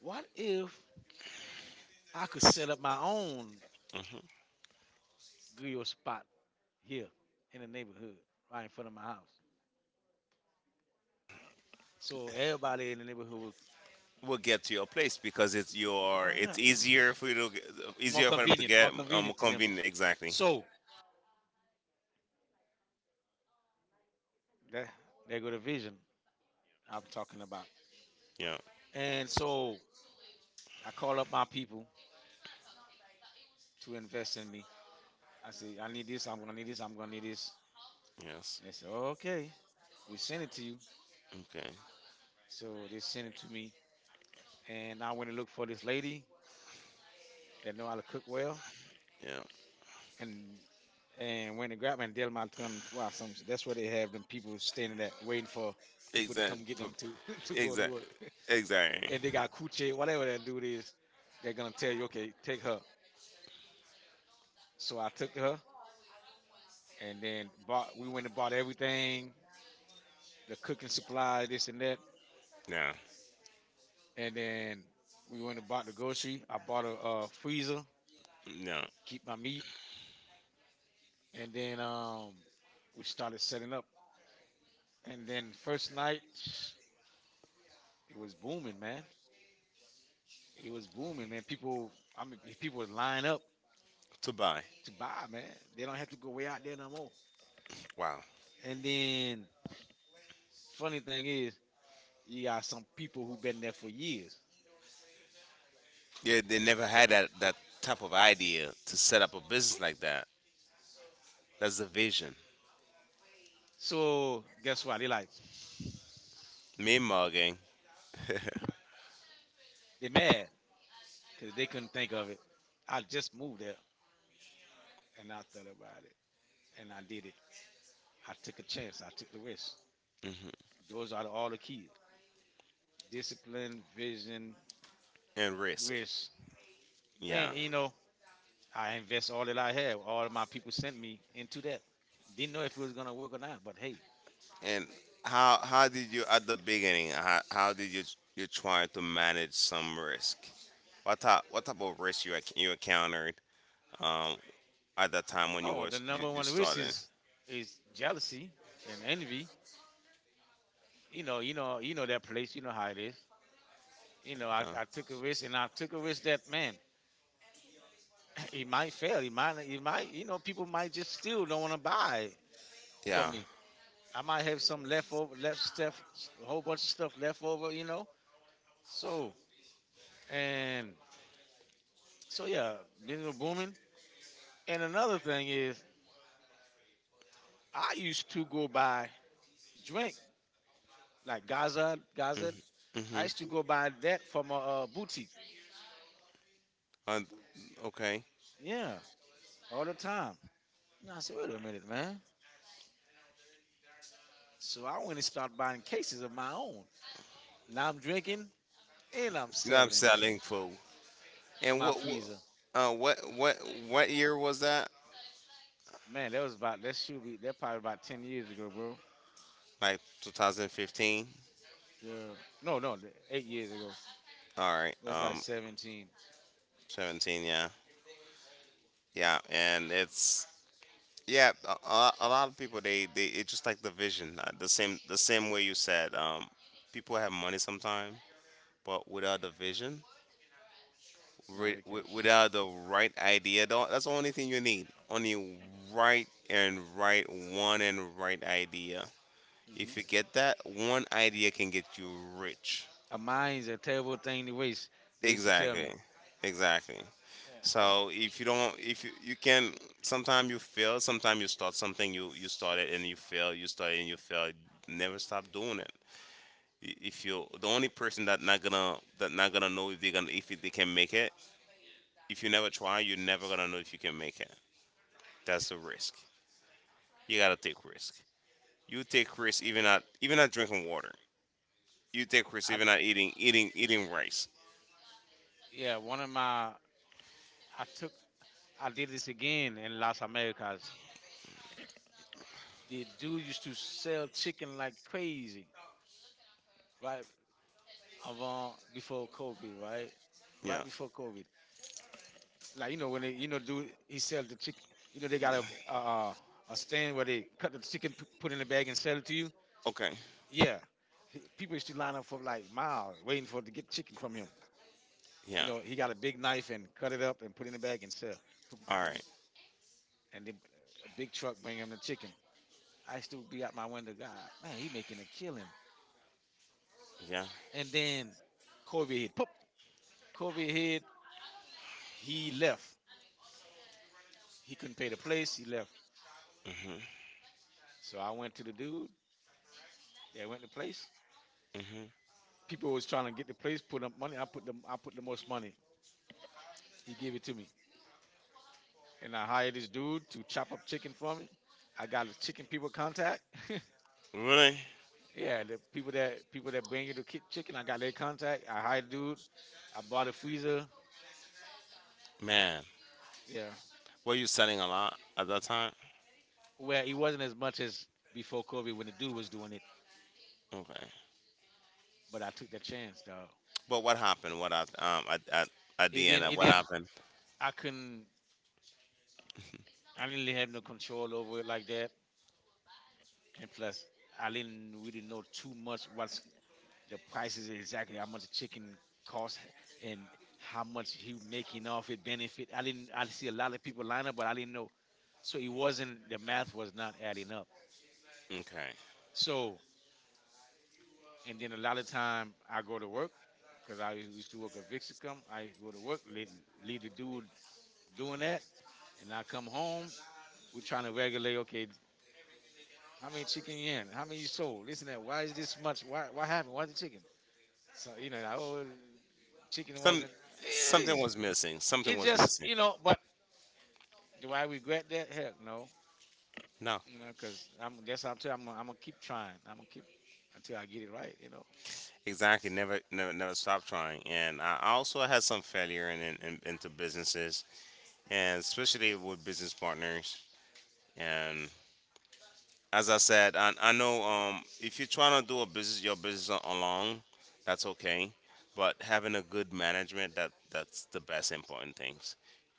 A: what if I could set up my own grill spot here in the neighborhood, right in front of my house? So everybody in the neighborhood would.
B: We'll get to your place because
A: Why
B: it's
A: not?
B: easier for
A: More
B: easier for them to
A: convenient, more
B: get, more
A: convenient to them.
B: convenient, exactly.
A: So that there go the vision I'm talking about.
B: Yeah.
A: And so I call up my people to invest in me. I say, I need this, I'm gonna need this, I'm gonna need this. And they
B: Yes.
A: say, okay, we send it to you.
B: Okay.
A: So they sent it to me. And I went and look for this lady that know how to cook well.
B: Yeah.
A: And and when they grab and Del Malton twice, something that's where they have them people standing there waiting for people to come
B: Exactly.
A: get them to to go to
B: Exactly.
A: work.
B: Exactly.
A: And they got coochie, whatever that dude is, they're gonna tell you, okay, take her. So I took her, and then bought. We went and bought everything, the cooking supplies, this and that,
B: No.
A: and then we went and bought the grocery. I bought a, freezer,
B: No.
A: keep my meat, and then we started setting up. And then first night, it was booming, man. It was booming, man. People, I mean, people was lining up
B: To buy.
A: to buy, man. They don't have to go way out there no more.
B: Wow.
A: And then funny thing is, you got some people who've been there for years.
B: Yeah, they never had that type of idea to set up a business like that. That's the vision.
A: So guess what?
B: Me mugging.
A: They mad because they couldn't think of it. I just moved there and I thought about it and I did it. I took a chance. I took the risk.
B: Mhm.
A: Those are all the keys: discipline, vision,
B: And risk.
A: risk.
B: Yeah.
A: And you know, I invest all that I have. All of my people sent me into that. Didn't know if it was gonna work or not, but hey.
B: And how did you at the beginning? How did you try to manage some risk? What type of risk you you encountered? Um, at that time when
A: Oh, the
B: you,
A: number
B: you
A: one risk
B: started?
A: is jealousy and envy. You know, you know, you know that place. You know how it is. You know, I,
B: Uh,
A: I took a risk, and I took a risk that man, it might fail. It might, you know, people might just still don't want to buy from
B: yeah.
A: me. I might have some left over, left stuff, a whole bunch of stuff left over, you know. So and so, yeah, business was booming. And another thing is, I used to go buy drink like Gaza, Gaza. I
B: Mm-hmm.
A: used to go buy that from a, boutique.
B: Uh, okay.
A: Yeah, all the time. And I said, wait a minute, man. So I went and started buying cases of my own. Now I'm drinking and I'm and
B: Stop
A: selling
B: selling food.
A: in
B: And
A: my freezer.
B: uh what what what year was that?
A: Man, that was about that should be that probably about 10 years ago, bro.
B: Like 2015.
A: Yeah. No, 8 years ago.
B: All right.
A: That's like 17.
B: 17, yeah. Yeah, and it's yeah, a lot of people they it's just like the vision. The same way you said, people have money sometimes, but without the vision.
A: No, they can't.
B: Without the right idea, though, that's the only thing you need, only right and right one and right idea. If you
A: Mm-hmm.
B: get that one idea can get you rich.
A: A mind's a terrible thing to waste. They used to tell, exactly,
B: Exactly.
A: me.
B: Exactly.
A: Yeah.
B: So if you, you can, sometimes you fail, sometimes you start something, you start it and you fail, you start it and you fail, never stop doing it. If you the only person that not gonna know if they can make it. If you never try you're never gonna know if you can make it. That's a risk. You gotta take risk. You take risk even at drinking water. You take risk
A: I
B: even at eating rice.
A: yeah, one of my I took I did this again in Las Americas. The dude used to sell chicken like crazy, right? Avant before COVID, right? Right
B: Yeah.
A: before COVID. Like you know when they you know do he sell the chicken. You know they got a stand where they cut the chicken, put it in a bag, and sell it to you.
B: Okay.
A: Yeah, people used to line up for like miles waiting for to get chicken from him. You
B: Yeah.
A: know he got a big knife and cut it up and put it in a bag and sell. P- p-
B: All
A: p-
B: right.
A: And the, a big truck bring him the chicken. I still be out my window. God, man, he making a killing.
B: Yeah.
A: And then COVID hit. Pop. COVID hit. He left. He couldn't pay the place. He left.
B: Mhm.
A: So I went to the dude. They went to the place.
B: Mhm.
A: People was trying to get the place, put up money. I put them. I put the most money. He gave it to me, and I hired this dude to chop up chicken for me. I got the chicken people contact.
B: Really,
A: Yeah, the people that bring you the chicken, I got their contact. I hired dude. I bought a freezer.
B: man.
A: Yeah,
B: Were you studying a lot at that time?
A: well, it wasn't as much as before COVID when the dude was doing it,
B: Okay.
A: but I took that chance, dog.
B: But what happened? What at, at
A: It
B: the end?
A: didn't. It
B: What
A: didn't.
B: happened?
A: I couldn't. I didn't really have no control over it like that, and plus, I didn't really know too much what's the prices exactly how much chicken costs and how much he making off it benefit. I didn't I see a lot of people line up, but I didn't know. So it wasn't the math was not adding up.
B: Okay.
A: So and then a lot of time I go to work because I used to work at Vixicom. I go to work, leave, leave the dude doing that, and I come home. We're trying to regulate. Okay, how many chicken you in? How many you sold? This and that. Why is this much? Why? What happened? Why's the chicken? So you know, the whole chicken
B: Some
A: wasn't.
B: Something
A: It
B: was missing. Something was
A: just
B: missing.
A: you know, but do I regret that? Heck, no.
B: No,
A: You know, because I'm gonna keep trying. I'm gonna keep until I get it right. You know.
B: exactly. Never, never, never stop trying. And I also had some failure in into businesses. And especially with business partners. And as I said, I know, if you're trying to do a business, your business alone, that's okay. But having a good management, that's the best important things.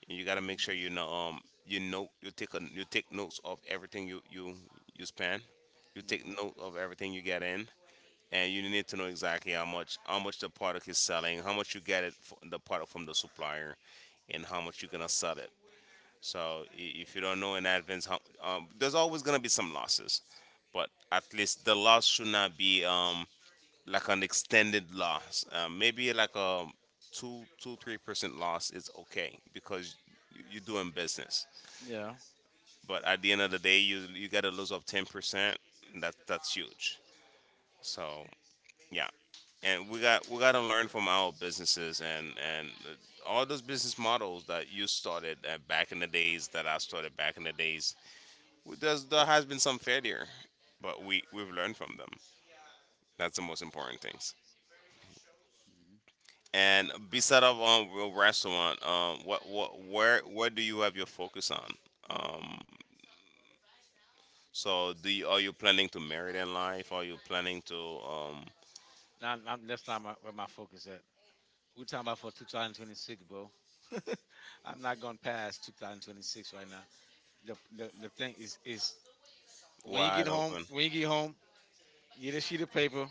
B: You got to make sure you know, you know, you take you take notes of everything you spend. You take
A: Hmm.
B: note of everything you get in, and you need to know exactly how much the product is selling, how much you get it f the product from the supplier, and how much you're gonna sell it. So if you don't know in advance, how, there's always gonna be some losses, but at least the loss should not be, like, an extended loss. Maybe like a 3% loss is okay because you're doing business.
A: You get in. Yeah.
B: But at the end of the day, you got to lose of 10%. That's huge. So, yeah, and we got to learn from our businesses, and all those business models that you started, back in the days that I started back in the days. There has been some failure, but we've learned from them. That's the most important things.
A: Hmm.
B: And beside of, your restaurant, what where do you have your focus on? Are you planning to marry in life? Are you planning to,
A: Now, now that's not my, where my focus at. We're talking about for 2026, bro. I'm not gonna pass 2026 right now. The thing is, when you get
B: wide
A: home,
B: open
A: when you get home, get a sheet of paper,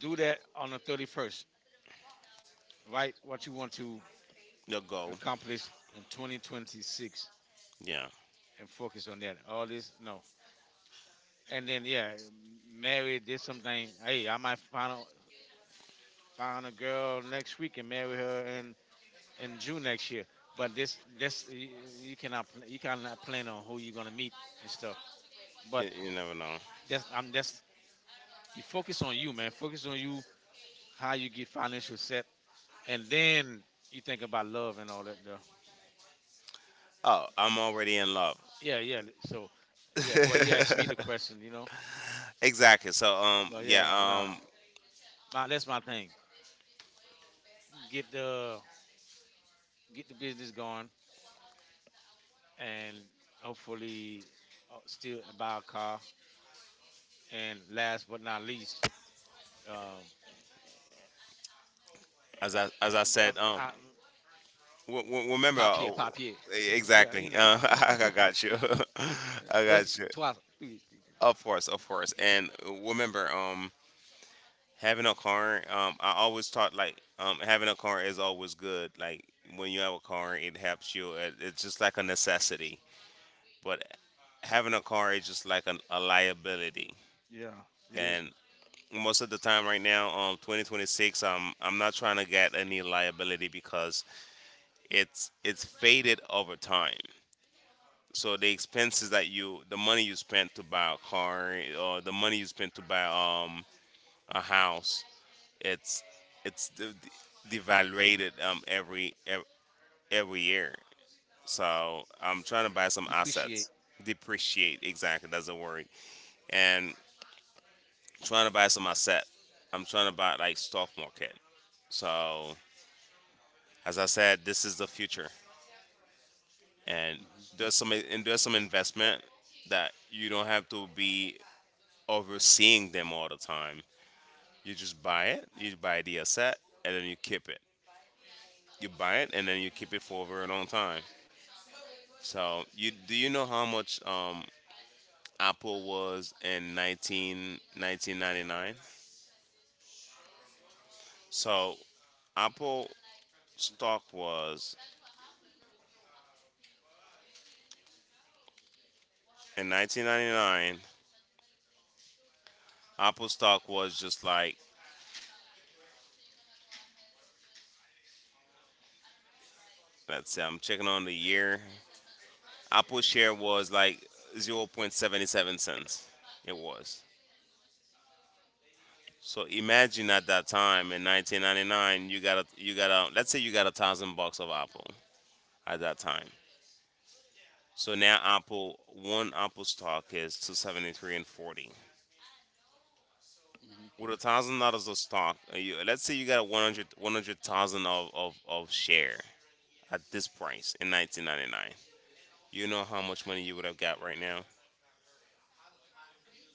A: do that on the 31st. Write what you want to
B: your goal?
A: accomplish in 2026
B: Yeah,
A: and focus on that. All this, no. And then, yeah, marry, did something. Hey, I might find a, find a girl next week and marry her in June next year. But you cannot you cannot plan on who you're gonna meet and stuff.
B: you,
A: But
B: you never know.
A: that's I'm that's you focus on you, man. Focus on you, how you get financial set, and then you think about love and all that. Though.
B: Oh, I'm already in love.
A: Yeah, yeah. So, yeah, but you asked me the question, you know.
B: Exactly. So,
A: But
B: yeah,
A: yeah, nah, my, that's my thing. Get the get the business going, and hopefully, still buy a car. And last but not least, um,
B: as I
A: I'm,
B: said,
A: I'm
B: well, well, well, remember, they,
A: papier,
B: oh,
A: papier.
B: e,
A: Yeah, you
B: exactly.
A: know,
B: I got you. I
A: those
B: got you.
A: trois, three, three.
B: Of course, of course. And, remember, having a car, I always thought like, having a car is always good. Like when you have a car, it helps you. It's just like a necessity. But having a car is just like a liability.
A: Yeah, it is.
B: And most of the time right now, 2026, I'm not trying to get any liability because it's faded over time. So the expenses that you the money you spent to buy a car or the money you spent to buy, a house, it's it's devaluated, every every year. So I'm trying to buy some
A: Depreciate.
B: assets. Depreciate, exactly, that's the word. And trying to buy some asset. I'm trying to buy like stock market. So as I said, this is the future. And
A: Mhm.
B: there's some investment that you don't have to be overseeing them all the time. You just buy it, you buy the asset, and then you keep it. You buy it, and then you keep it for a very long time. So, you do you know how much, Apple was in 19, 1999? So, Apple stock was in 1999. Apple stock was just like, let's say I'm checking on the year. Apple share was like 0.77 cents. It was. So imagine at that time in 1999, let's say you got 1,000 bucks of Apple at that time. So now Apple, one Apple stock is 273 and 40.
A: Hmm.
B: With $1,000 of stock, let's say you got a 100,000 of, of share at this price in 1999. You know how much money you would have got right now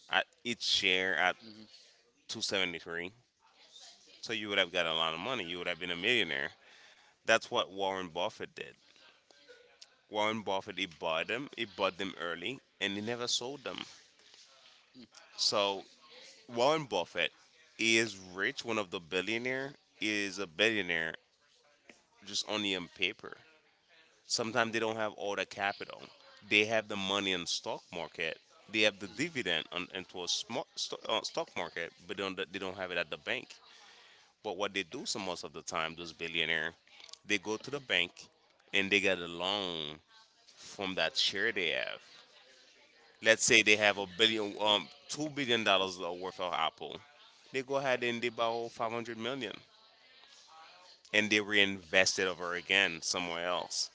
B: at each share at
A: Hmm.
B: 273. So you would have got a lot of money. You would have been a millionaire. That's what Warren Buffett did. Warren Buffett, he bought them. He bought them early, and he never sold them. So Warren Buffett is rich. One of the billionaire is a billionaire, just only on paper. Sometimes they don't have all the capital. They have the money in stock market. They have the dividend on, into a smart stock market, but they don't have it at the bank. But what they do, some most of the time, those billionaire, they go to the bank and they get a loan from that share they have. Let's say they have a billion, $2 billion worth of Apple. They go ahead and they borrow 500 million, and they reinvest it over again somewhere else.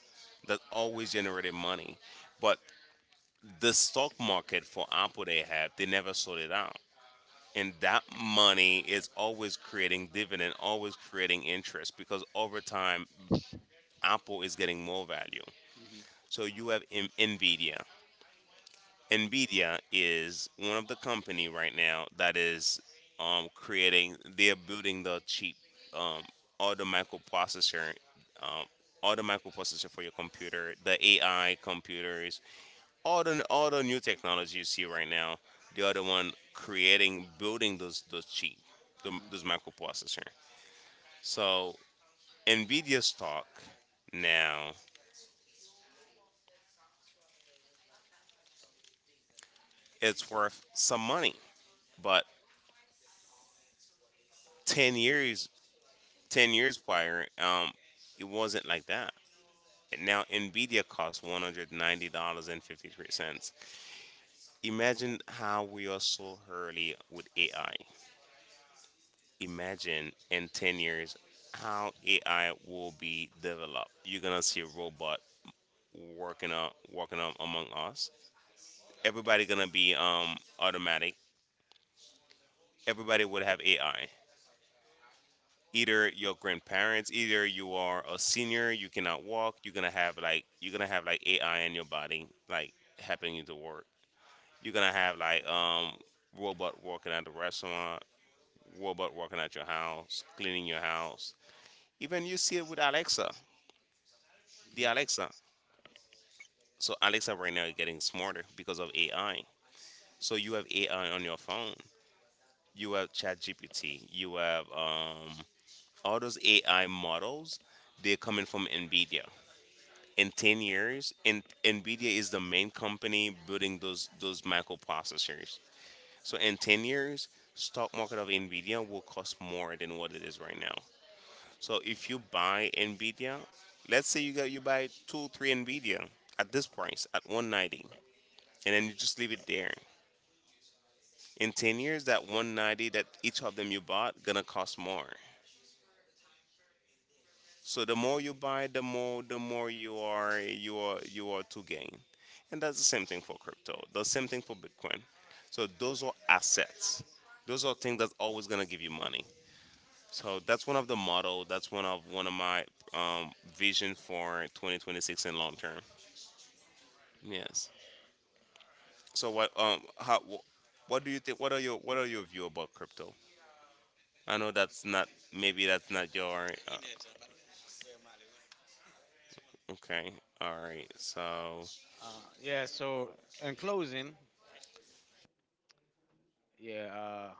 B: That always generated money, but the stock market for Apple they have, they never sold it out. And that money is always creating dividend, always creating interest because over time, Apple is getting more value.
A: Hmm.
B: So you have Nvidia. Nvidia is one of the company right now that is, creating. They are building the cheap, um, auto microprocessor, auto microprocessor for your computer, the AI computers, all the new technology you see right now. They are the one creating, building those cheap, the,
A: Yeah. So in closing, yeah.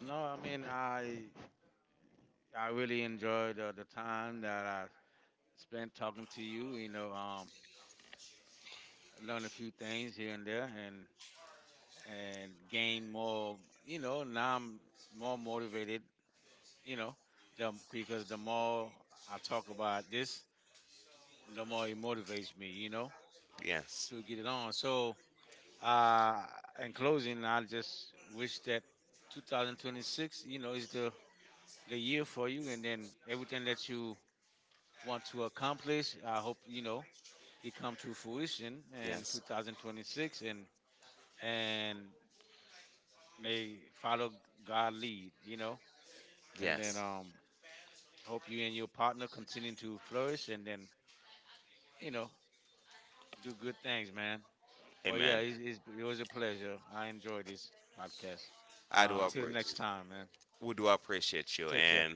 A: No, I mean, I really enjoyed the time that I spent talking to you. You know, learned a few things here and there, and gained more. You know, now I'm more motivated. You know, the, because the more I talk about this, the more it motivates me. You know, to get it on. So. Uh, in closing, I just wish that 2026, you know, is the year for you, and then everything that you want to accomplish, I hope you know it come to fruition in 2026, and may follow God lead, you know, and then hope you and your partner continue to flourish, and then you know do good things, man. But yeah, it was a pleasure. I enjoyed this podcast. Till next time, man. Take care.